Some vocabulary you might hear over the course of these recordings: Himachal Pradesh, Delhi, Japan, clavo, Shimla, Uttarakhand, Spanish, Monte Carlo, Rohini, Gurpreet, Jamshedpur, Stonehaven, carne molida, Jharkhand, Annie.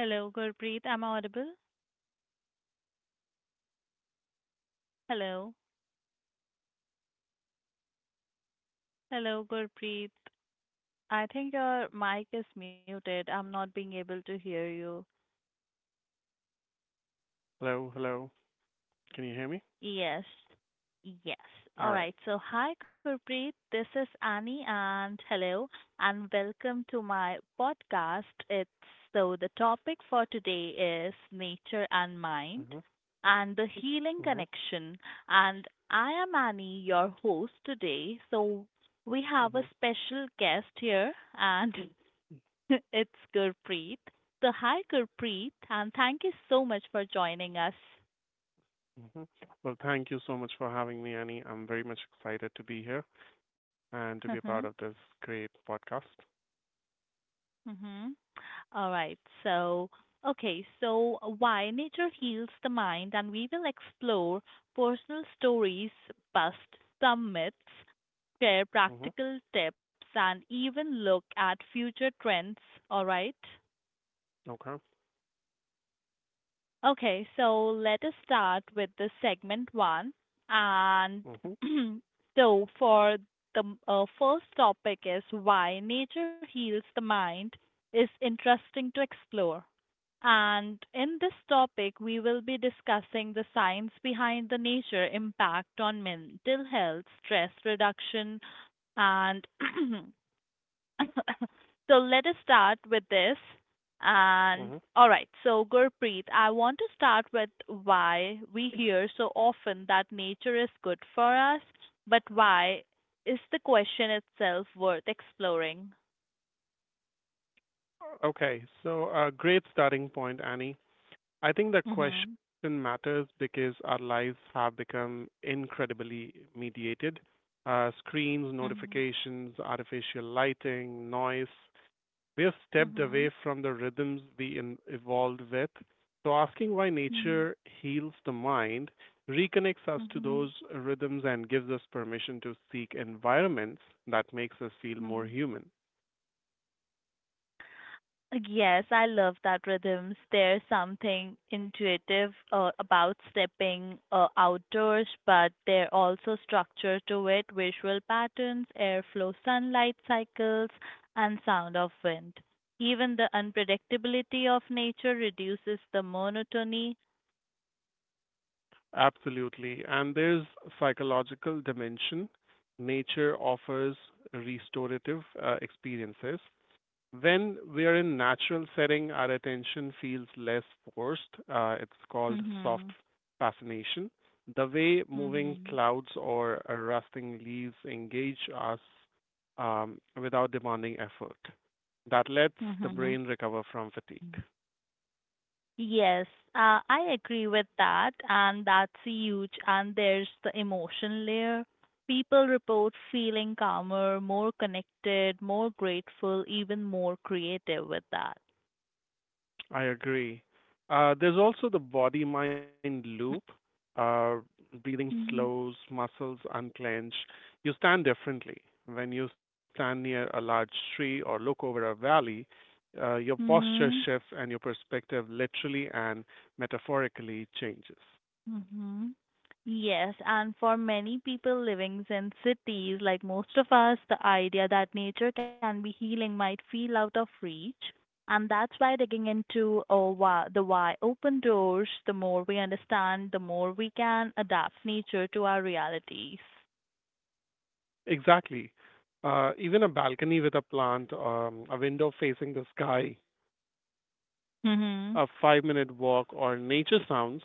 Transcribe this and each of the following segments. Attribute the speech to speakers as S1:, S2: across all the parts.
S1: Hello, Gurpreet. Am I audible? Hello. Hello, Gurpreet. I think your mic is muted. I'm not being able to hear you.
S2: Hello, hello. Can you hear me?
S1: Yes. Yes. All
S2: All right.
S1: right. So, hi, Gurpreet. This is Annie, and hello, and welcome to my podcast. It's so The topic for today is nature and
S2: Mhm,
S1: mind and the
S2: mhm,
S1: healing connection. And I am Annie, your host today. So, we
S2: mhm,
S1: have a special guest here, and it's Gurpreet. So, hi, Gurpreet, and thank you so much for joining us.
S2: mhm. Well, thank you so much for having me, Annie. I'm very much excited to be here and to be a part of this great podcast.
S1: Mm-hmm. All right. So, okay. So, why nature heals the mind, and we will explore personal stories, bust some myths, share
S2: Hmm.
S1: practical tips, and even look at future trends. All right.
S2: Okay.
S1: Okay. So, let us start with the segment one. And
S2: Hmm.
S1: so, for the first topic, is why nature heals the mind is interesting to explore. And in this topic, we will be discussing the science behind the nature impact on mental health, stress reduction, and so let us start with this. And
S2: Hmm.
S1: all right, so Gurpreet, I want to start with why we hear so often that nature is good for us, but why is the question itself worth exploring?
S2: Okay. So, a great starting point, Annie. I think the
S1: Mm-hmm.
S2: question matters because our lives have become incredibly mediated. Screens,
S1: Mm-hmm.
S2: notifications, artificial lighting, noise. We've stepped
S1: Mm-hmm.
S2: away from the rhythms we evolved with. So, asking why
S1: Mm-hmm.
S2: nature heals the mind reconnects us to those
S1: Mm-hmm.
S2: rhythms and gives us permission to seek environments that makes us feel more
S1: Mm-hmm.
S2: human.
S1: Yes, I love that rhythms. There's something intuitive about stepping outdoors, but there also structure to it, visual patterns, airflow, sunlight cycles, and sound of wind. Even the unpredictability of nature reduces the monotony.
S2: Absolutely. And there's psychological dimension. Nature offers restorative experiences. When we are in natural setting, our attention feels less forced. It's called soft
S1: Mhm.
S2: fascination. The way moving
S1: Mhm.
S2: clouds or rusting leaves engage us without demanding effort. That lets the brain recover from fatigue.
S1: Mhm. Yes, I agree with that, and that's huge. And there's the emotion layer. People report feeling calmer, more connected, more grateful, even more creative with that.
S2: I agree. There's also the body mind loop. Uh, breathing
S1: Mm-hmm.
S2: slows, muscles unclench. You stand differently. When you stand near a large tree or look over a valley, your posture
S1: Mm-hmm.
S2: shifts and your perspective literally and metaphorically changes.
S1: Mm-hmm. Yes, and for many people living in cities, like most of us, the idea that nature can be healing might feel out of reach. And that's why digging into oh, why, the why open doors, the more we understand, the more we can adapt nature to our realities.
S2: Exactly. Even a balcony with a plant, a window facing the sky,
S1: Mm-hmm.
S2: a 5-minute walk, or nature sounds.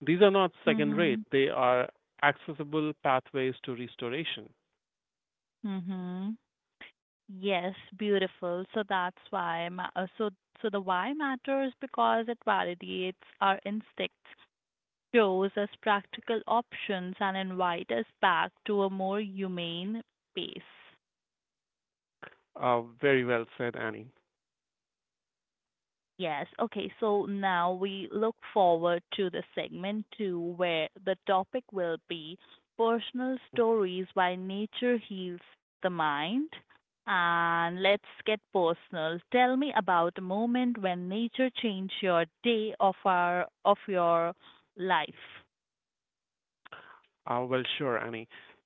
S2: These are not second rate,
S1: Mm-hmm.
S2: they are accessible pathways to restoration.
S1: Mm-hmm. Yes, beautiful. So that's why, ma- so so the why matters because it validates our instincts, shows us practical options, and invite us back to a more humane pace.
S2: Very well said, Annie.
S1: Yes, okay, so now we look forward to the segment two where the topic will be personal
S2: Uh,
S1: stories why nature heals the mind. And let's get personal. Tell me about a moment when nature changed your day of our of your life.
S2: well, sure, Annie.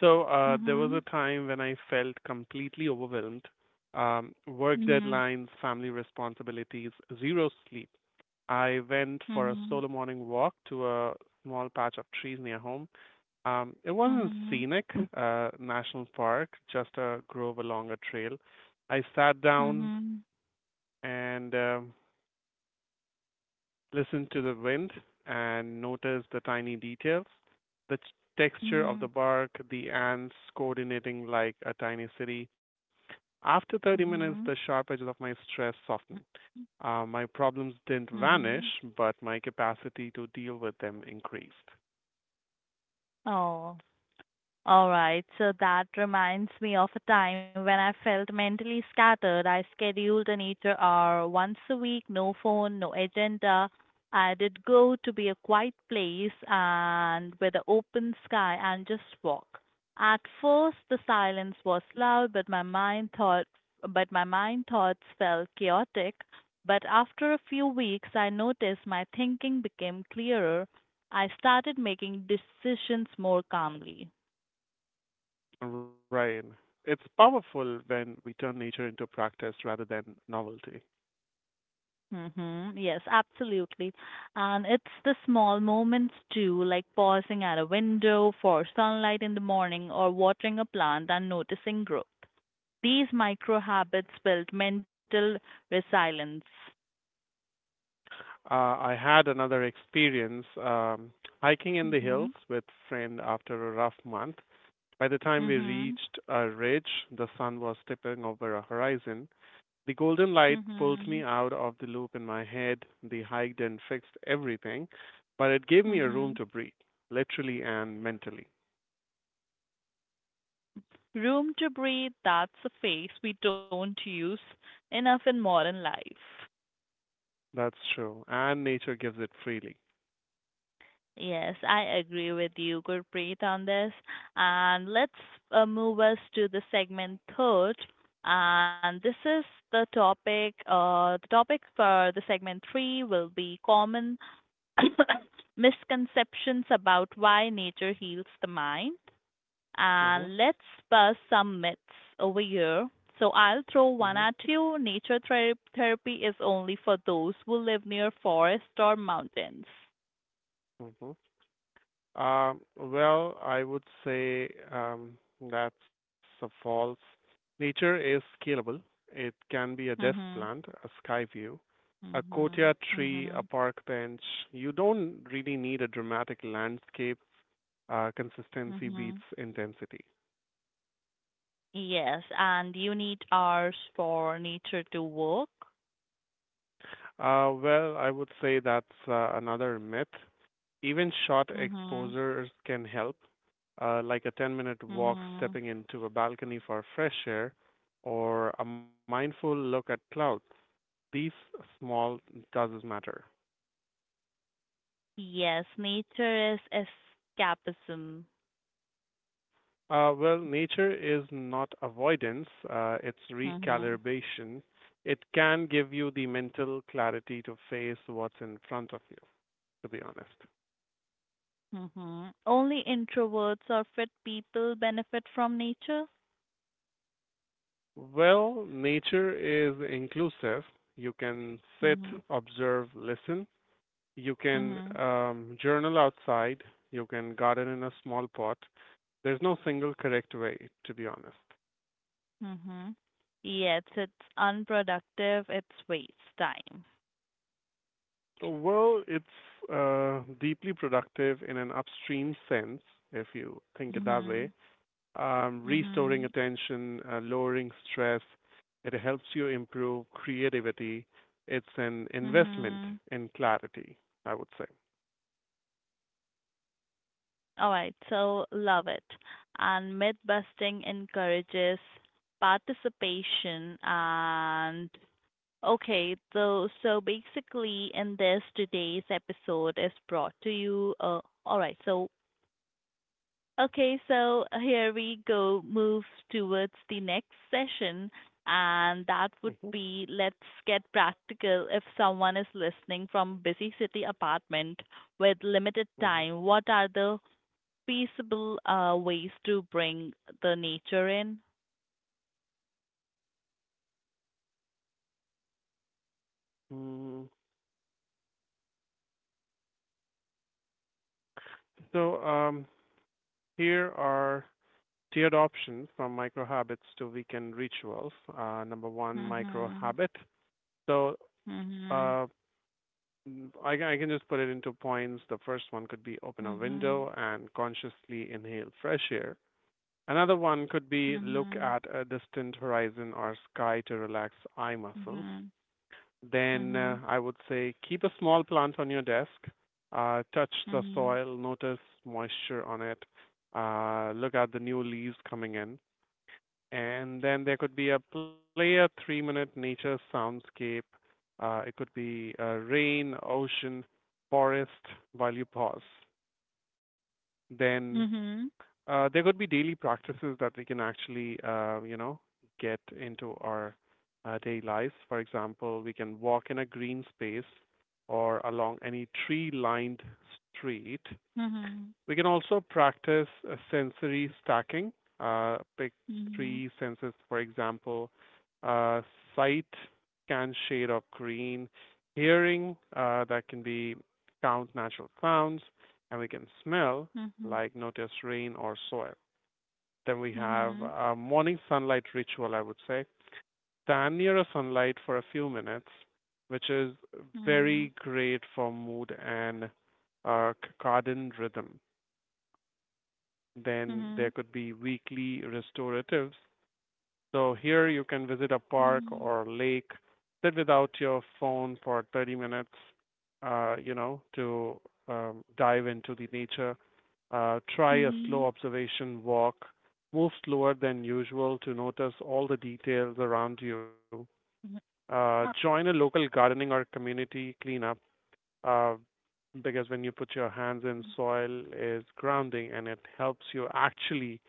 S2: So there was a
S1: Mhm.
S2: time when I felt completely overwhelmed. Work
S1: Mhm.
S2: deadlines, family responsibilities, zero sleep. I went for a
S1: Mhm.
S2: solo morning walk to a small patch of trees near home. It wasn't
S1: Mhm.
S2: scenic, national park, just a grove along a trail. I sat down,
S1: Mhm.
S2: and listen to the wind and notice the tiny details, the texture of the
S1: Mhm.
S2: bark, the ants coordinating like a tiny city. After 30
S1: Mhm.
S2: minutes, the sharp edges of my stress softened. My problems didn't vanish,
S1: Mhm.
S2: but my capacity to deal with them increased.
S1: Oh, all right, so that reminds me of a time when I felt mentally scattered. I scheduled a nature hour once a week, no phone, no agenda. I did go to be a quiet place and with an open sky and just walk. At first, the silence was loud, but my mind thoughts felt chaotic. But after a few weeks, I noticed my thinking became clearer. I started making decisions more calmly.
S2: Right. It's powerful when we turn nature into practice rather than novelty.
S1: Mm-hmm. Yes, absolutely. And it's the small moments too, like pausing at a window for sunlight in the morning or watering a plant and noticing growth. These micro habits build mental resilience.
S2: I had another experience hiking in the
S1: Mm-hmm.
S2: hills with friend after a rough month. By the time we
S1: Mm-hmm.
S2: reached a ridge, the sun was tipping over a horizon. The golden light pulled me
S1: Mm-hmm.
S2: out of the loop in my head. The hike didn't fix everything, but it gave me a room
S1: Mm-hmm.
S2: to breathe, literally and mentally.
S1: Room to breathe, that's a face we don't use enough in modern life.
S2: That's true. And nature gives it freely.
S1: Yes, I agree with you, Gurpreet, on this. And let's move us to the segment third. And this is the topic. The topic for the segment three will be common misconceptions about why nature heals the mind.
S2: Mm-hmm.
S1: And let's bust some myths over here. So I'll throw one
S2: Mm-hmm.
S1: at you. Therapy is only for those who live near forests or mountains.
S2: Mm-hmm. Well, I would say that's a false. Nature is scalable. It can be a desk
S1: Mm-hmm.
S2: plant, a sky view, a
S1: Mhm.
S2: courtyard tree,
S1: Mhm.
S2: a park bench. You don't really need a dramatic landscape. Consistency
S1: Mhm.
S2: beats intensity.
S1: Yes, and you need hours for nature to work.
S2: Well, I would say that's another myth. Even short
S1: Mhm.
S2: exposures can help, like a 10-minute walk,
S1: Mhm.
S2: stepping into a balcony for fresh air, or a mindful look at clouds. These small does matter.
S1: Yes, nature is escapism.
S2: Well, nature is not avoidance, it's
S1: Mhm.
S2: recalibration. It can give you the mental clarity to face what's in front of you, to be honest.
S1: Mhm. Only introverts or fit people benefit from nature.
S2: Well, nature is inclusive. You can sit,
S1: Mhm.
S2: observe, listen. You can
S1: Mhm.
S2: journal outside. You can garden in a small pot. There's no single correct way, to be honest.
S1: Mhm. Yes, it's unproductive. It's waste time.
S2: So, well, it's deeply productive in an upstream sense, if you think it that way.
S1: Mhm.
S2: Restoring
S1: Mhm.
S2: attention, lowering stress. It helps you improve creativity. It's an investment
S1: Mhm.
S2: in clarity, I would say.
S1: All right, so love it. And myth busting encourages participation and okay, so so basically in this today's episode is brought to you all right, so okay, so here we go, move towards the next session, and that would
S2: Hmm.
S1: be let's get practical. If someone is listening from busy city apartment with limited
S2: Hmm.
S1: time, what are the peaceable ways to bring the nature in.
S2: Mm. So here are tiered options from micro habits to weekend rituals. Number one, micro
S1: Mhm.
S2: habit. So
S1: Mhm.
S2: uh, I can just put it into points. The first one could be open a
S1: Mhm.
S2: window and consciously inhale fresh air. Another one could be look
S1: Mhm.
S2: at a distant horizon or sky to relax eye muscles.
S1: Mhm.
S2: Then I would say keep a small plant on your desk, touch the
S1: Mhm.
S2: soil, notice moisture on it, look at the new leaves coming in. And then there could be a player 3-minute nature soundscape. It could be rain, ocean, forest while you pause. Then
S1: Mhm.
S2: there could be daily practices that we can actually, get into our daily lives. For example, we can walk in a green space or along any tree lined street
S1: Mhm.
S2: we can also practice sensory stacking. Pick three senses, for example, uh, sight, can shade of green, hearing, that can be count natural sounds, and we can smell,
S1: Mhm.
S2: like notice rain or soil. Then we have
S1: Mhm.
S2: a morning sunlight ritual, I would say. Stand near a sunlight for a few minutes, which is
S1: Mhm.
S2: very great for mood and garden rhythm.
S1: Mhm.
S2: Then there
S1: Mhm.
S2: could be weekly restoratives. So here you can visit a park
S1: Mhm.
S2: or lake, sit without your phone for 30 minutes, to dive into the nature. Try a slow
S1: Mhm.
S2: observation walk. Move slower than usual to notice all the details around you. Join a local gardening or community cleanup uh, because when you put your hands in, soil is grounding and it helps you actually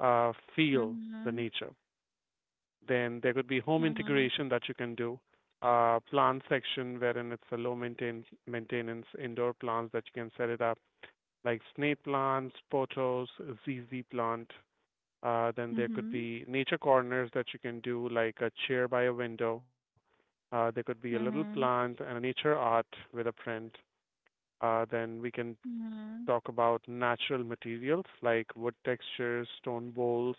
S2: feel the
S1: Mhm.
S2: nature. Then there could be
S1: Mhm.
S2: home
S1: Mhm.
S2: integration that you can do, plant section wherein it's a low maintenance indoor plants that you can set it up, like snake plants, pothos, ZZ plant. Then there could
S1: Mhm.
S2: be nature corners that you can do, like a chair by a window. There could be a little
S1: Mhm.
S2: plant and a nature art with a print. Then we can
S1: Mhm.
S2: talk about natural materials like wood textures, stone bowls,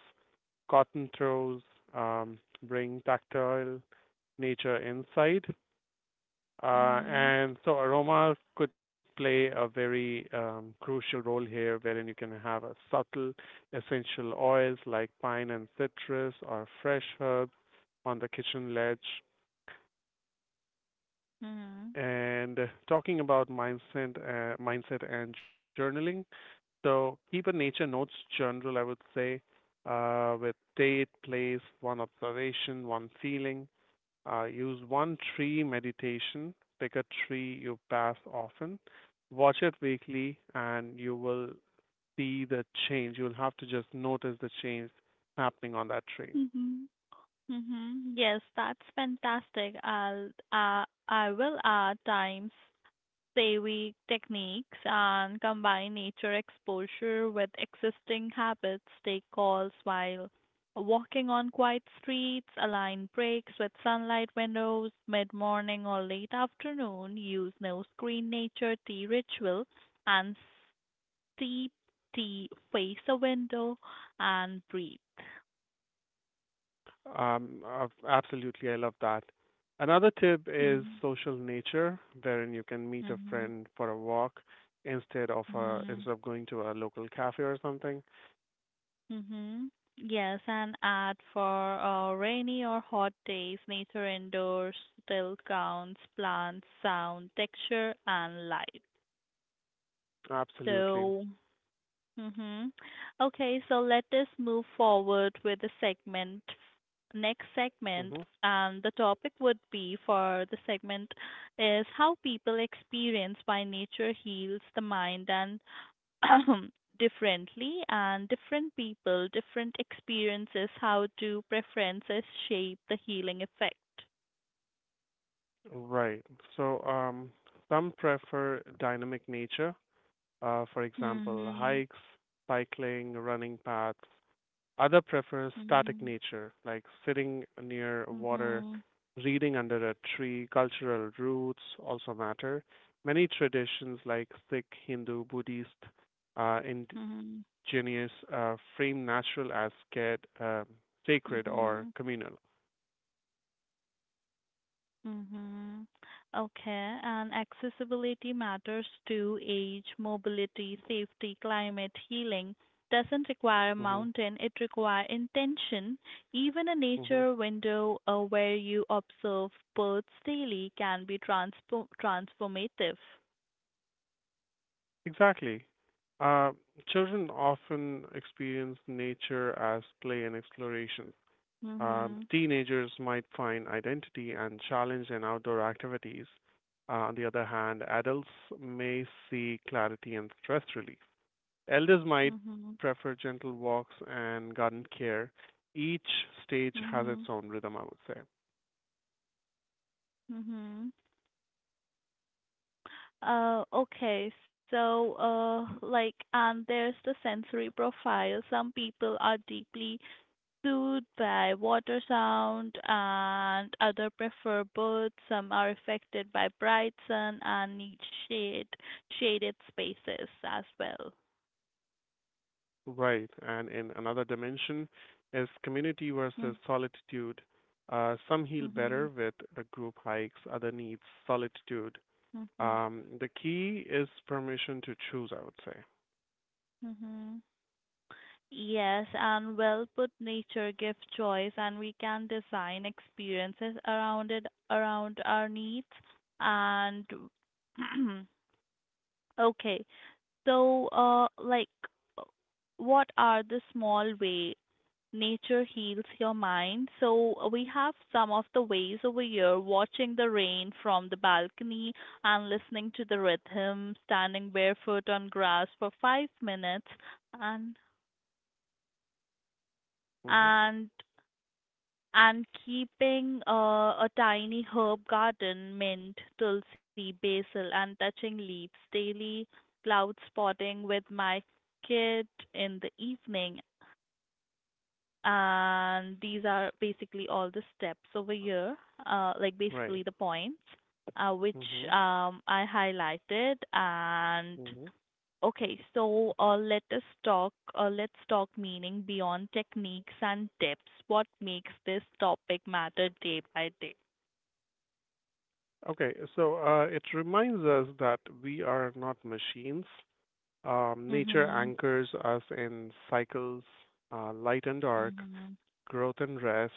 S2: cotton throws, bring tactile nature inside. Uh,
S1: Mhm.
S2: and so aroma could play a very crucial role here, wherein you can have a subtle essential oils like pine and citrus or fresh herbs on the kitchen ledge.
S1: Mhm.
S2: And talking about mindset and journaling. So keep a nature notes journal, I would say, with date, place, one observation, one feeling. Use one tree meditation. Pick a tree you pass often. Watch it weekly, and you will see the change. You'll have to just notice the change happening on that tree.
S1: Mhm. Mm-hmm. Yes, that's fantastic. I will add time saving techniques and combine nature exposure with existing habits. Take calls while walking on quiet streets, align breaks with sunlight windows, mid morning or late afternoon, use no screen nature tea ritual and steep tea face a window and breathe.
S2: Absolutely, I love that. Another tip is
S1: Mm-hmm.
S2: social nature, wherein you can meet a
S1: Mm-hmm.
S2: friend for a walk instead of a,
S1: Mm-hmm.
S2: instead of going to a local cafe or something.
S1: Mm-hmm. Yes, and add for rainy or hot days, nature indoors still counts, plants, sound, texture, and light.
S2: Absolutely.
S1: So, mm-hmm. Okay, so let us move forward with the segment, next
S2: Hmm.
S1: segment, and the topic would be for the segment is how people experience why nature heals the mind and differently and different people, different experiences, how do preferences shape the healing effect?
S2: Right. So some prefer dynamic nature, for example,
S1: Mm-hmm.
S2: hikes, cycling, running paths. Other prefers static
S1: Mm-hmm.
S2: nature, like sitting near water,
S1: Mm-hmm.
S2: reading under a tree. Cultural roots also matter. Many traditions, like Sikh, Hindu, Buddhist, uh,
S1: Mm-hmm.
S2: indigenous, frame natural as sacred, or
S1: Mm-hmm.
S2: communal.
S1: Mm-hmm. Okay. And accessibility matters to age, mobility, safety, climate, healing. Doesn't require a
S2: Hmm.
S1: mountain, it requires intention. Even a
S2: Hmm.
S1: nature window where you observe birds daily can be transpo transformative.
S2: Exactly. Uh, children often experience nature as play and exploration. Um,
S1: Mm-hmm.
S2: teenagers might find identity and challenge in outdoor activities. On the other hand, adults may see clarity and stress relief. Elders might
S1: Mm-hmm.
S2: prefer gentle walks and garden care. Each stage has
S1: Mm-hmm.
S2: its own rhythm, I would say.
S1: Mm-hmm. And there's the sensory profile. Some people are deeply soothed by water sound and other prefer birds. Some are affected by bright sun and need shade, shaded spaces as well.
S2: Right. And in another dimension is community versus solitude. Some heal
S1: Mm-hmm.
S2: better with group hikes, other needs solitude.
S1: Mm-hmm.
S2: The key is permission to choose, I would say.
S1: Mm-hmm. Yes, and well put, nature gives choice and we can design experiences around it around our needs and okay. So, uh, like, what are the small way nature heals your mind? So, we have some of the ways over here: watching the rain from the balcony and listening to the rhythm, standing barefoot on grass for 5 minutes, and
S2: Mm-hmm.
S1: and And keeping a tiny herb garden, mint, tulsi, basil, and touching leaves daily, cloud spotting with my kid in the evening. And these are basically all the steps over here, like
S2: Right.
S1: basically the points uh, which
S2: Mm-hmm.
S1: um, I highlighted. And
S2: Mm-hmm.
S1: okay, so let us talk. Let's talk meaning beyond techniques and tips. What makes this topic matter day by day?
S2: Okay, so it reminds us that we are not machines. Nature
S1: Mhm.
S2: anchors us in cycles, light and dark,
S1: Mhm.
S2: growth and rest.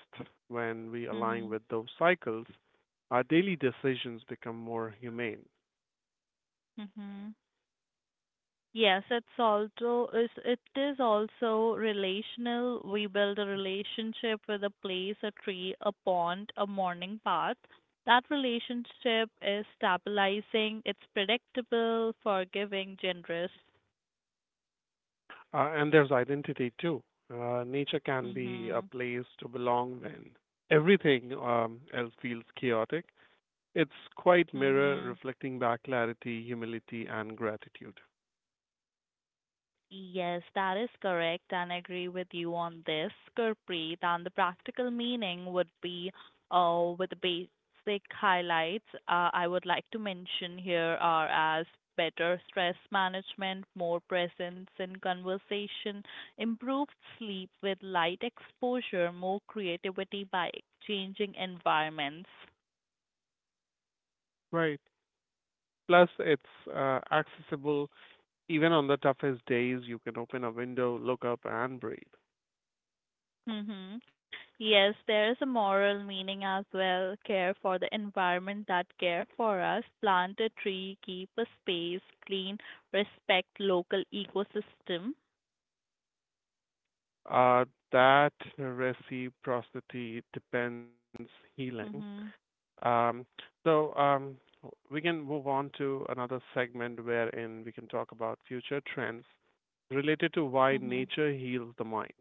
S2: When we align
S1: Mhm.
S2: with those cycles, our daily decisions become more humane.
S1: Mhm. Yes, it is also relational. We build a relationship with a place, a tree, a pond, a morning path. That relationship is stabilizing. It's predictable, forgiving, generous.
S2: And there's identity too. Nature can be a
S1: Mhm.
S2: place to belong when everything else feels chaotic. It's quite mirror
S1: Mhm.
S2: reflecting back clarity, humility, and gratitude.
S1: Yes, that is correct, and I agree with you on this, Gurpreet. And the practical meaning would be, with the basic highlights, I would like to mention here are as better stress management, more presence in conversation, improved sleep with light exposure, more creativity by changing environments.
S2: Right. Plus, it's accessible even on the toughest days. You can open a window, look up, and breathe.
S1: Mm-hmm. Yes, there is a moral meaning as well. Care for the environment that care for us. Plant a tree, keep a space clean, respect local ecosystem.
S2: Uh, that reciprocity depends healing.
S1: Mm-hmm.
S2: Um, so we can move on to another segment wherein we can talk about future trends related to why
S1: Mm-hmm.
S2: nature heals the mind.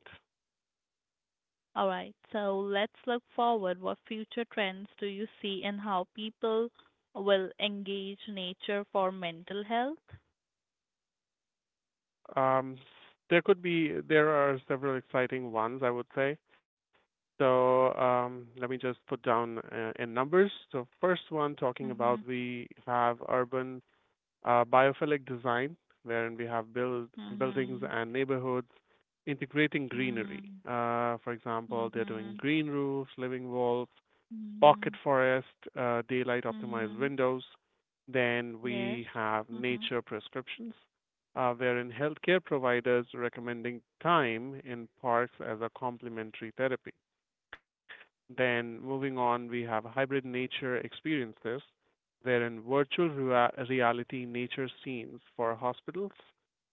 S1: All right. So let's look forward. What future trends do you see and how people will engage nature for mental health?
S2: Um, there could be there are several exciting ones, I would say. So let me just put down in numbers. So first one talking
S1: Mm-hmm.
S2: about we have urban biophilic design, wherein we have build buildings
S1: Mm-hmm.
S2: and neighborhoods integrating
S1: Mm-hmm.
S2: greenery. For example, they're doing
S1: Mm-hmm.
S2: green roofs, living walls,
S1: Mm-hmm.
S2: Pocket Forest, daylight optimized
S1: Mm-hmm.
S2: windows. Then
S1: Yes.
S2: we have
S1: Mm-hmm.
S2: nature prescriptions, wherein healthcare providers recommending time in parks as a complementary therapy. Then moving on, we have hybrid nature experiences, wherein virtual reality nature scenes for hospitals,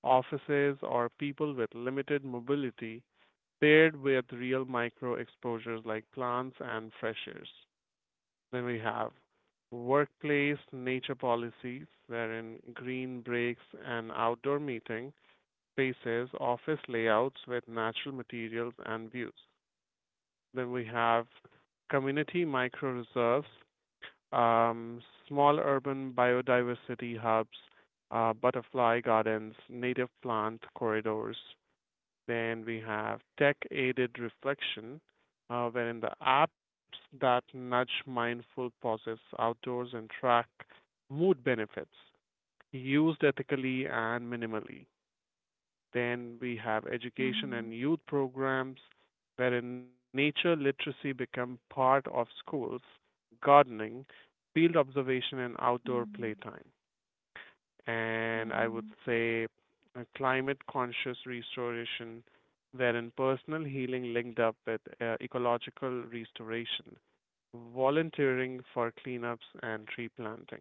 S2: offices, or people with limited mobility paired with real micro exposures like plants and fresh airs. Then we have workplace nature policies, wherein green breaks and outdoor meeting spaces, office layouts with natural materials and views. Then we have community micro reserves, um, small urban biodiversity hubs, butterfly gardens, native plant corridors, then we have tech-aided reflection, wherein the apps that nudge mindful pauses outdoors and track mood benefits used ethically and minimally. Then we have education
S1: Mhm.
S2: and youth programs wherein nature literacy become part of schools, gardening, field observation and outdoor
S1: Mhm.
S2: playtime, and I would
S1: Mhm.
S2: say a climate conscious restoration, wherein personal healing linked up with ecological restoration, volunteering for cleanups and tree planting.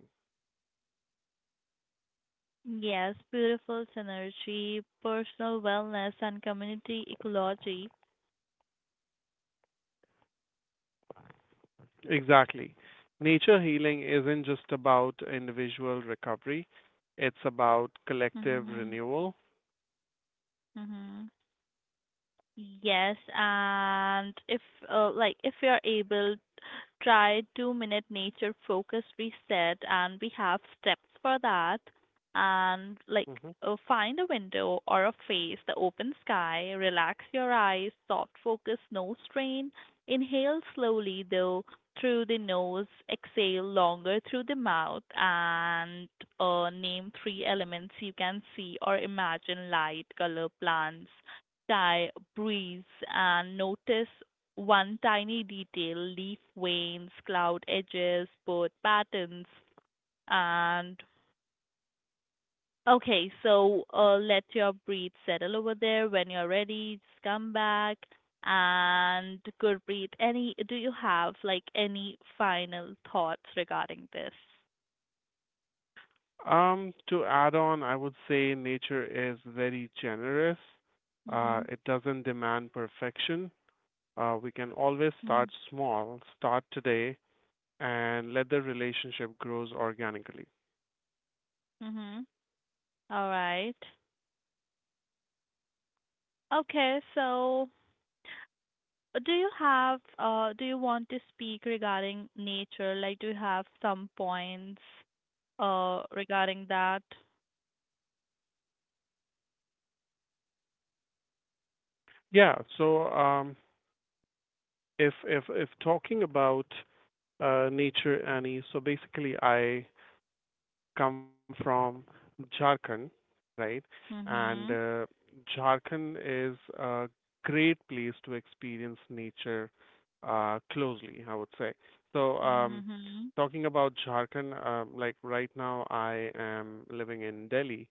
S1: Yes, beautiful synergy, personal wellness, and community ecology.
S2: Exactly. Nature healing isn't just about individual recovery, it's about collective
S1: Mhm.
S2: renewal.
S1: Mhm. Yes, and if if you are able, try 2 minute nature focus reset, and we have steps for that. And like
S2: Hmm.
S1: find a window or a face, the open sky, relax your eyes, soft focus, no strain. Inhale slowly though through the nose, exhale longer through the mouth, and name three elements you can see or imagine: light, color, plants, sky, breeze, and notice one tiny detail, leaf veins, cloud edges, bird patterns, and okay, so let your breath settle over there. When you're ready, just come back and good breath. Any, do you have like any final thoughts regarding this?
S2: To add on, I would say nature is very generous.
S1: Mhm.
S2: It doesn't demand perfection. We can always
S1: Mhm.
S2: start small, start today, and let the relationship grows organically.
S1: Mhm. All right. Okay, so do you have do you want to speak regarding nature? Like, do you have some points regarding that?
S2: Yeah. If talking about nature, Annie. So basically, I come from Jharkhand, right? And
S1: Mm-hmm.
S2: Jharkhand is a great place to experience nature closely, I would say. So, um,
S1: Mm-hmm.
S2: Talking about Jharkhand, like right now I am living in Delhi,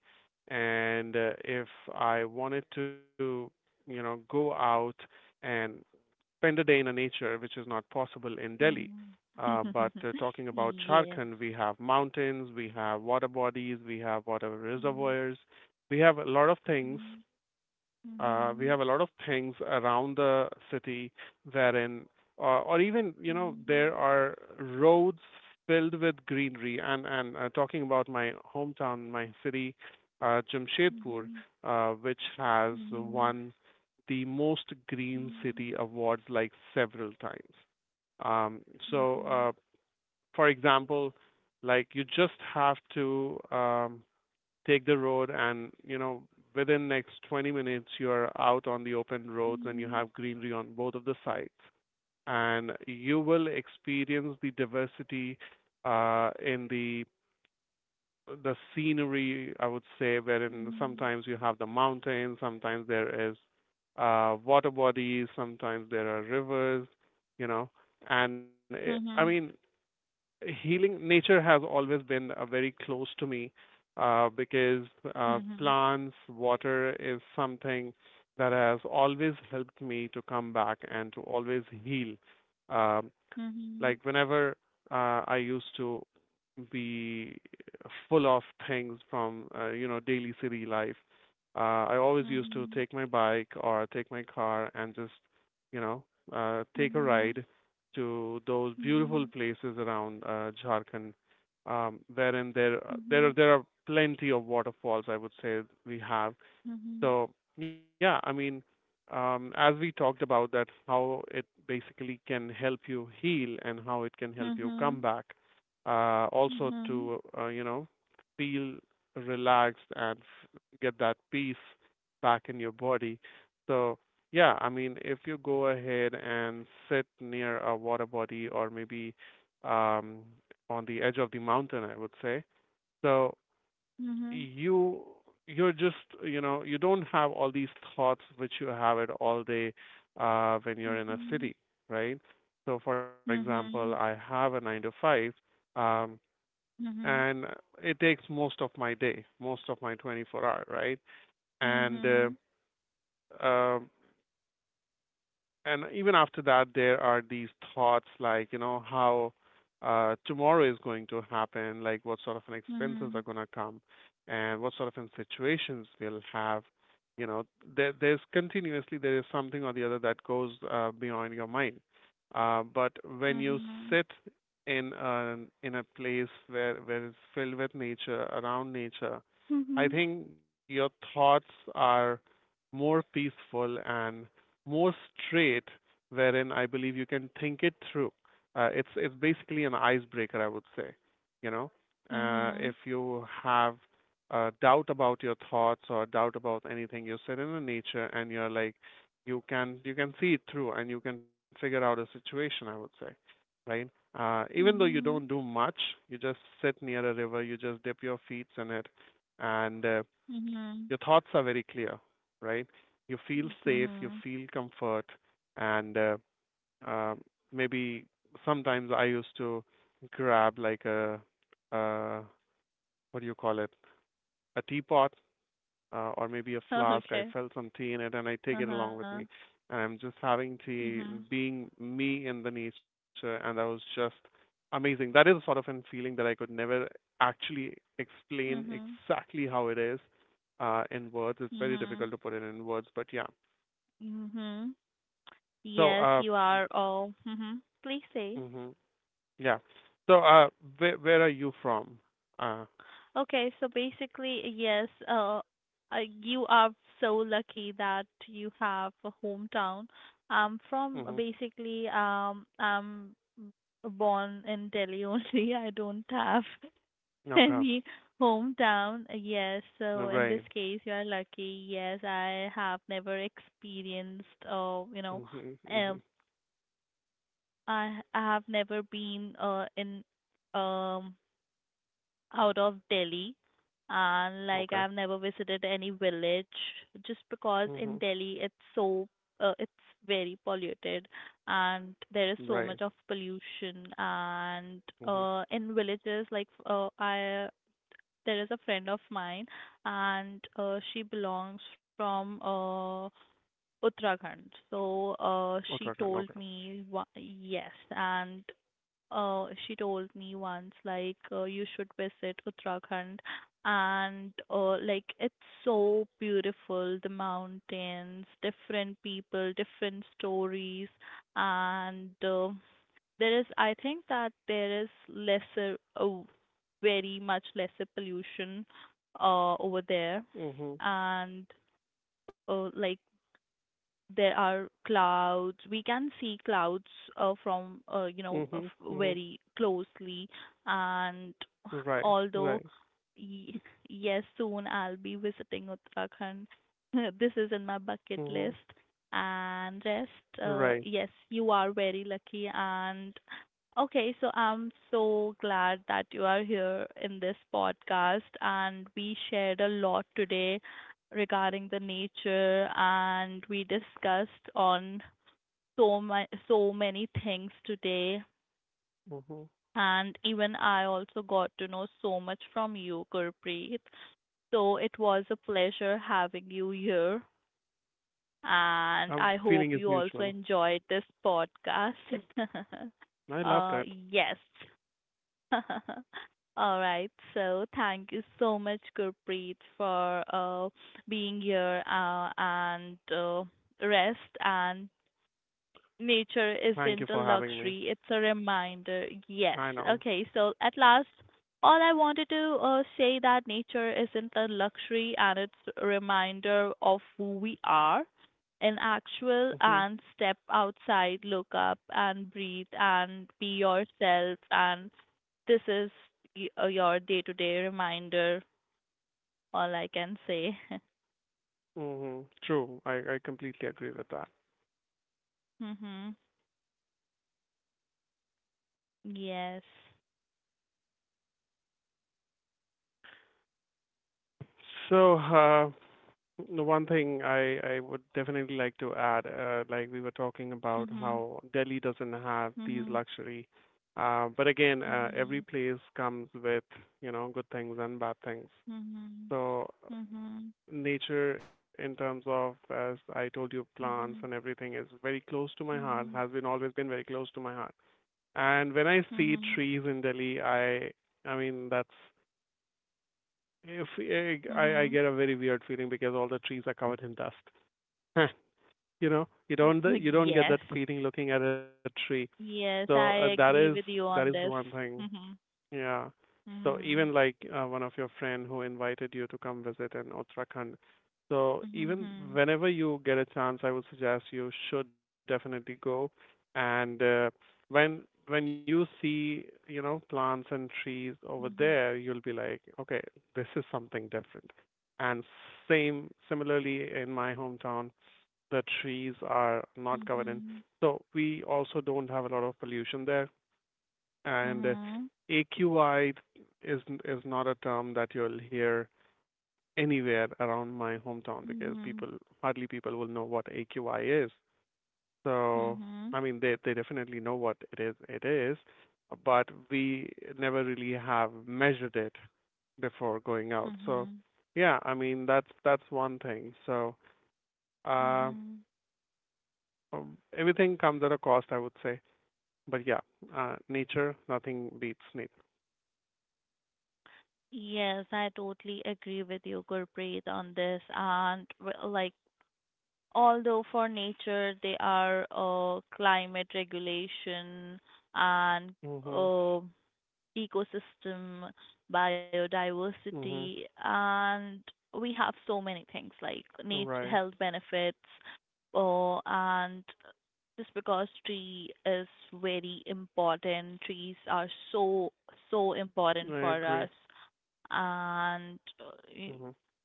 S2: and if I wanted to, you know, go out and spend a day in a nature, which is not possible in Delhi.
S1: Mm-hmm.
S2: But Talking about
S1: Yes.
S2: Jharkhand, we have mountains, we have water bodies, we have water
S1: Mm-hmm.
S2: reservoirs, we have a lot of things, we
S1: Mm-hmm.
S2: have a lot of things around the city wherein, or even, you know, there are roads filled with greenery. And Talking about my hometown, my city, Jamshedpur,
S1: Mm-hmm.
S2: which has
S1: Mm-hmm.
S2: won the most green city awards like several times. Um,
S1: Mm-hmm. Mm-hmm.
S2: so,
S1: Mm-hmm.
S2: uh, for example, like you just have to take the road and you know within next 20 minutes you're out on the open roads and you have greenery on both of the sides, and you will experience the diversity in the scenery, I would say, wherein sometimes you have the mountains, sometimes there is water bodies, sometimes there are rivers, you know. I mean,
S1: Mm-hmm.
S2: healing nature has always been very close to me because plants, water is something that has always helped me to come back and to always heal. Um like whenever I used to be full of things from you know, daily city life. I always used to
S1: Mm-hmm.
S2: take my bike or take my car and just, you know, take a
S1: Mm-hmm.
S2: ride to those beautiful places around Jharkhand, wherein there are plenty of waterfalls, I would say, we have.
S1: Mm-hmm.
S2: So yeah, I mean, as we talked about that, how it basically can help you heal and how it can help you
S1: Mm-hmm.
S2: come back. Also
S1: Mhm.
S2: to, you know, feel relaxed and get that peace back in your body. So yeah, I mean, if you go ahead and sit near a water body or maybe, um, on the edge of the mountain, I would say. So
S1: Mhm.
S2: you you're just, you know, you don't have all these thoughts which you have it all day when you're in a
S1: Mhm.
S2: city, right? So for example, I
S1: Mhm.
S2: have a nine to five, um,
S1: Mhm.
S2: and it takes most of my day, most of my 24-hour, right? And
S1: Mhm.
S2: uh, um and even after that there are these thoughts, like, you know, how tomorrow is going to happen, like what sort of an expenses are
S1: Mhm.
S2: going to come and what sort of an situations we'll have, you know. There's continuously there is something or the other that goes beyond your mind, but when you
S1: Mhm.
S2: sit in a, in a place where it's filled with nature around nature, I
S1: Mhm.
S2: think your thoughts are more peaceful and more straight, wherein I believe you can think it through. It's basically an icebreaker, I would say. You know, if
S1: Mhm.
S2: you have a doubt about your thoughts or doubt about anything, you sit in the nature and you're like, you can see it through and you can figure out a situation, I would say, right? Even though you don't
S1: Mhm.
S2: do much, you just sit near a river, you just dip your feet in it, and
S1: Mhm.
S2: your thoughts are very clear, right? You feel safe, you
S1: Mhm.
S2: feel comfort, and uh, maybe sometimes I used to grab like a, uh, what do you call it, a teapot, or maybe a flask. I
S1: Okay.
S2: felt some tea in it, and I take it along
S1: Uh-huh.
S2: with me, and I'm just having tea,
S1: Mhm.
S2: being me in the nature, and that was just amazing. That is a sort of an feeling that I could never actually explain
S1: Mhm.
S2: exactly how it is in words. It's very difficult
S1: Mhm.
S2: to put it in words, but yeah.
S1: Mhm.
S2: So,
S1: Yes,
S2: uh,
S1: you are all. Mhm. Please say.
S2: mhm, yeah. So, uh, where are you from? Uh,
S1: Okay, so basically, yes, you are so lucky that you have a hometown.
S2: mhm.
S1: I'm born in Delhi only. I don't have
S2: Okay.
S1: any hometown. Yes, so in this
S2: Right.
S1: case, you are lucky. Yes, I have never experienced, you know,
S2: Mhm.
S1: uh,
S2: Mhm.
S1: I have never been in um out of Delhi and like
S2: Okay.
S1: I've never visited any village just because in
S2: Mhm.
S1: Delhi it's very polluted and there is so
S2: Right.
S1: much of pollution and
S2: Mhm.
S1: in villages like I there is a friend of mine and she belongs from Uttarakhand. So she
S2: Uttarakhand.
S1: told
S2: Okay.
S1: me yes, and she told me once you should visit Uttarakhand, and like it's so beautiful, the mountains, different people, different stories, and there is I think that there is lesser, very much lesser pollution over there,
S2: Mhm.
S1: and like there are clouds. We can see clouds from you know
S2: Mhm.
S1: of
S2: Mhm.
S1: very closely, and
S2: Right. Right.
S1: although y- yes, soon I'll be visiting Uttarakhand. This is in my
S2: Mhm.
S1: bucket list. And rest,
S2: Right.
S1: yes, you are very lucky. And okay, so I'm so glad that you are here in this podcast, and we shared a lot today regarding the nature and we discussed on so many things today,
S2: Mhm.
S1: and even I also got to know so much from you, Gurpreet. So it was a pleasure having you here and I hope
S2: Feeling is
S1: you also
S2: mutual.
S1: enjoyed this podcast.
S2: I love
S1: uh
S2: that.
S1: yes. All right. So thank you so much, Gurpreet, for being here and rest, and nature
S2: Thank you
S1: isn't a
S2: for having me.
S1: luxury, it's a reminder. Yes.
S2: I know.
S1: Okay, so at last, all I wanted to say that nature isn't a luxury and it's a reminder of who we are in actual,
S2: Mhm.
S1: and step outside, look up and breathe and be yourself. And this is your day to day reminder, all I can say.
S2: Mhm. True. I completely agree with that.
S1: Mhm. Yes.
S2: So, uh, The one thing I would definitely like to add, like we were talking about
S1: Mhm.
S2: how Delhi doesn't have these
S1: Mhm.
S2: luxury. But again, every
S1: Mhm.
S2: place comes with, you know, good things and bad things.
S1: Mhm.
S2: So
S1: Mhm.
S2: nature in terms of, as I told you, plants and
S1: Mhm.
S2: everything is very close to my heart, has been
S1: Mhm.
S2: always been very close to my heart. And when I see
S1: Mhm.
S2: trees in Delhi, I mean, if eh, I
S1: Mhm.
S2: get a very weird feeling because all the trees are covered in dust. You know, you
S1: Like,
S2: don't you don't
S1: yes.
S2: get that feeling looking at a tree. so
S1: Yes,
S2: uh, that
S1: I
S2: is
S1: agree with
S2: that
S1: you
S2: is
S1: on this.
S2: one thing,
S1: Mhm.
S2: yeah. So
S1: Mhm.
S2: even like one of your friend who invited you to come visit in Uttarakhand. So even
S1: Mhm.
S2: whenever you get a chance, I would suggest you should definitely go. And when when you see, you know, plants and trees over
S1: Mhm.
S2: there, you'll be like, okay, this is something different. And same similarly in my hometown, the trees are not covered in.
S1: Mhm.
S2: So we also don't have a lot of pollution there, and
S1: Mhm.
S2: AQI is not a term that you'll hear anywhere around my hometown because people
S1: Mhm.
S2: hardly people will know what AQI is. So
S1: Mhm.
S2: I mean they definitely know what it is, but we never really have measured it before going out. So
S1: Mhm.
S2: yeah, I mean that's one thing. So uh
S1: Mhm.
S2: everything comes at a cost, I would say. But yeah, nature, nothing beats nature.
S1: Yes, I totally agree with you, Gurpreet, on this. And like, although for nature they are climate regulation and
S2: Hmm.
S1: uh, ecosystem, biodiversity,
S2: Mhm.
S1: and we have so many things like nat
S2: Right.
S1: health benefits. Oh, and just because tree is very important, trees
S2: Mhm.
S1: are so important
S2: I
S1: for us,
S2: agree.
S1: and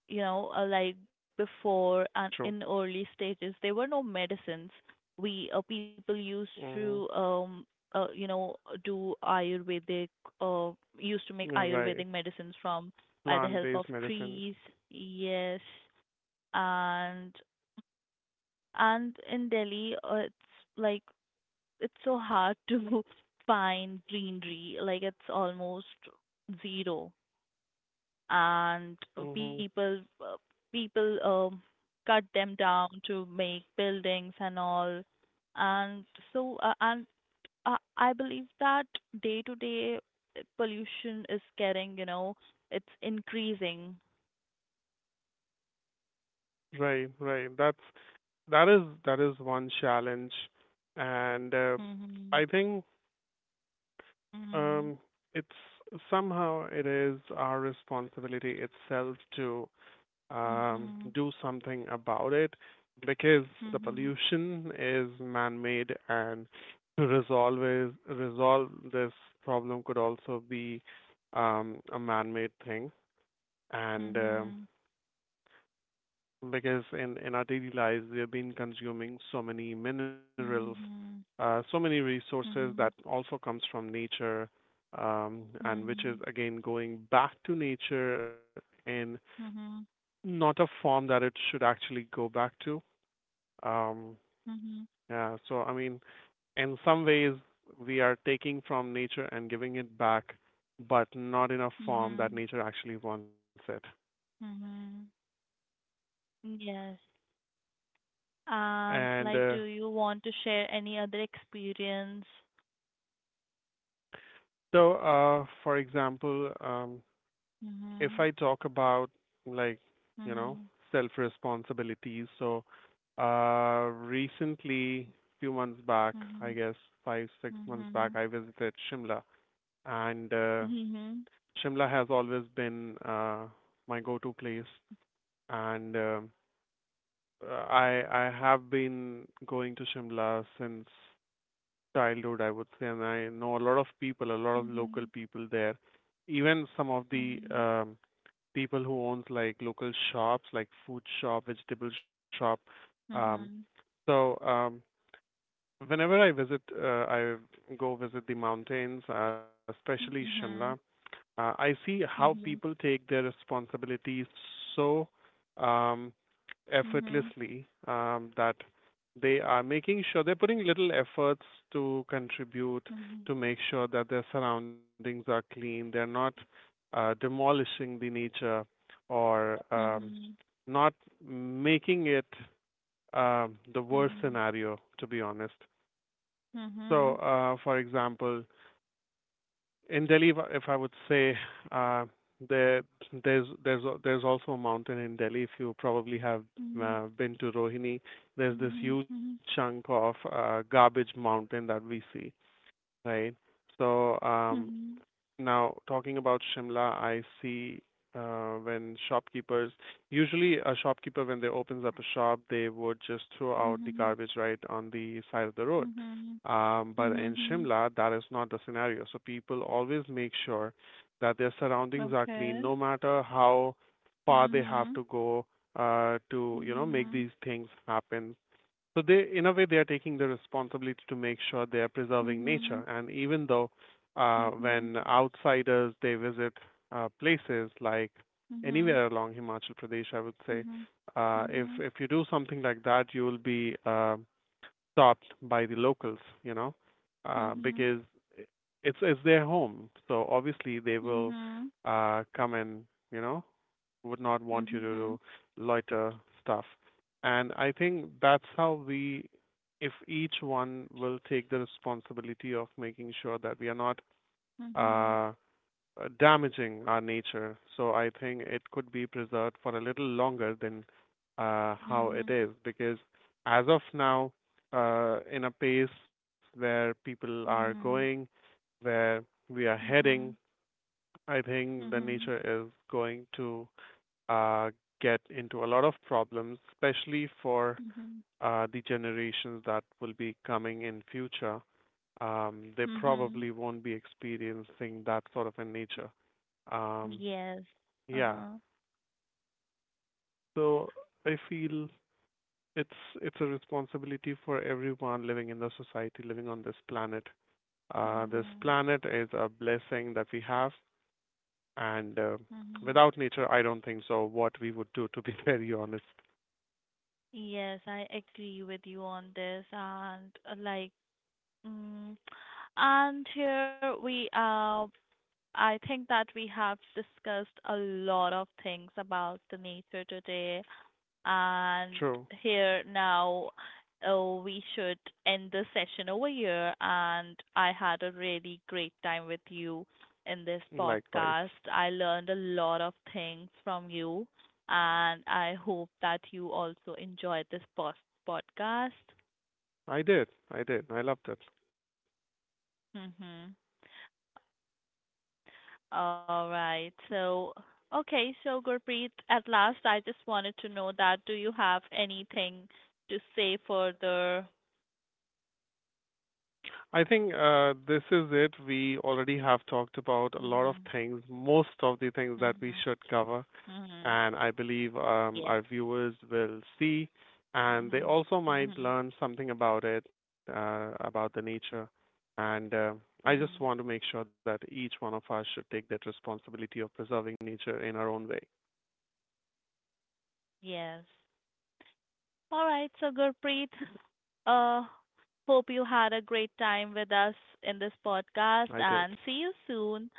S1: you know, like before
S2: True.
S1: and in early stages there were no medicines. We People used to
S2: Mhm.
S1: you know, do ayurvedic uh, used to make ayurvedic
S2: Right.
S1: medicines from by the help of
S2: Plant-based medicines.
S1: trees, yes,
S2: Mhm.
S1: and and in Delhi it's like it's so hard to find greenery, like it's almost zero. And
S2: Mhm.
S1: people people cut them down to make buildings and all. And so uh, and I believe that day to day pollution is getting, you know, it's increasing.
S2: Right. Right. That's that is one challenge, and I
S1: Mhm.
S2: think,
S1: Mhm.
S2: um, it's somehow it is our responsibility itself to,
S1: Mhm.
S2: do something about it because the pollution is man-made, and resolve this problem could also be, a man-made thing, and
S1: Mhm.
S2: because in our daily lives we have been consuming so many minerals,
S1: Mhm.
S2: so many resources
S1: Mhm.
S2: that
S1: Mhm.
S2: also comes from nature, and which is again going back to nature in
S1: Mhm. Mhm.
S2: not a form that it should actually go back to. Um,
S1: Mhm.
S2: yeah, so I mean, in some ways, we are taking from nature and giving it back, but not in a form that
S1: Mhm.
S2: nature actually wants it.
S1: Mhm. Yes.
S2: And
S1: And
S2: uh,
S1: like, do you want to share any other experience?
S2: so, uh, for example, if
S1: Mhm.
S2: I talk about, like, you know,
S1: Mhm.
S2: self responsibilities, so recently, few months back, I
S1: Mhm.
S2: guess 5, 6 months back,
S1: Mhm.
S2: I visited Shimla, and
S1: Mhm.
S2: Shimla has always been my go-to place, and I have been going to Shimla since childhood, I would say, and I know a lot of people, a lot of local
S1: Mhm.
S2: people there. Even some of the, people who owns like local shops, like food shop, vegetable shop. Um,
S1: Mhm.
S2: so um, Whenever I visit, I go visit the mountains, especially Shimla.
S1: Mhm.
S2: I see how people take their responsibilities so, um,
S1: Mhm. Mhm.
S2: effortlessly, that they are making sure they're putting little efforts to contribute to make sure that their surroundings are clean. They're not demolishing the nature or, not making it, the worst
S1: Mhm.
S2: scenario, to be honest.
S1: Mhm.
S2: So,
S1: Mhm.
S2: uh, for example, in Delhi, if I would say, uh, there there's also a mountain in Delhi. If you probably have
S1: Mhm. Mhm.
S2: been to Rohini, there's this huge chunk of garbage mountain that we see, right? So
S1: Mhm.
S2: um,
S1: Mhm.
S2: now, talking about Shimla, I see when shopkeepers, usually a shopkeeper, when they opens up a shop, they would just throw out the
S1: Mhm.
S2: garbage right on the side of the road.
S1: Mhm. Mhm.
S2: But in
S1: Mhm. Mhm.
S2: Shimla, that is not the scenario. So people always make sure that their surroundings are clean,
S1: Okay.
S2: no matter how far they have
S1: Mhm.
S2: to go to, you know, make
S1: Mhm.
S2: these things happen. So they, in a way, they are taking the responsibility to make sure they are preserving
S1: Mhm.
S2: nature. And even though
S1: Mhm.
S2: when outsiders they visit places like
S1: Mhm.
S2: anywhere along Himachal Pradesh, I would say,
S1: Mhm. Mhm.
S2: if you do something like that, you will be stopped by the locals, you know,
S1: Mhm.
S2: because it's their home. So obviously they will
S1: Mhm.
S2: come and, you know, would not want you to
S1: Mhm.
S2: do loiter stuff. And I think that's how we, if each one will take the responsibility of making sure that we are not
S1: Mhm.
S2: uh, damaging our nature. So I think it could be preserved for a little longer than, how it
S1: Mhm.
S2: is, because as of now, in a pace where people are
S1: Mhm.
S2: going, where we are heading,
S1: Mhm.
S2: I think the
S1: Mhm.
S2: nature is going to, uh, get into a lot of problems, especially for
S1: Mhm.
S2: the generations that will be coming in future. They
S1: Mhm.
S2: probably won't be experiencing that sort of a nature. Um,
S1: Yes.
S2: yeah,
S1: Uh-huh.
S2: so I feel it's it's a responsibility for everyone living in the society, living on this planet. This
S1: Mhm.
S2: planet is a blessing that we have, and
S1: Mhm.
S2: without nature, I don't think so. What we would do, to be very honest.
S1: Yes, I agree with you on this, and mm, and here we I think that we have discussed a lot of things about the nature today. And
S2: True.
S1: here now, oh, we should end the session over here. And I had a really great time with you in this
S2: Likewise.
S1: podcast. I learned a lot of things from you, and I hope that you also enjoyed this post podcast.
S2: I did. I did. I loved it.
S1: Mm-hmm. All right. So, okay. So, Gurpreet, at last, I just wanted to know that do you have anything to say further?
S2: I think this is it. We already have talked about a lot of
S1: Mm-hmm.
S2: things, most of the things that we
S1: Mm-hmm.
S2: should cover,
S1: Mhm.
S2: and I believe,
S1: Yes.
S2: our viewers will see, and they
S1: Mhm.
S2: also might
S1: Mhm.
S2: learn something about it, about the nature. And I just
S1: Mhm.
S2: want to make sure that each one of us should take that responsibility of preserving nature in our own way.
S1: Yes. All right. So, Gurpreet, uh, hope you had a great time with us in this podcast,
S2: I did.
S1: and see you soon.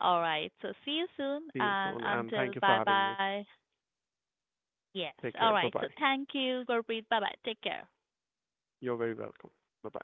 S1: All right. So, see you
S2: See you
S1: soon,
S2: soon, and
S1: and
S2: thank you for
S1: until
S2: having me.
S1: bye bye. Yes.
S2: Take care. Bye
S1: All
S2: bye.
S1: right. So, thank you, Gurpreet. Bye bye. Take care.
S2: You're very welcome. Bye bye.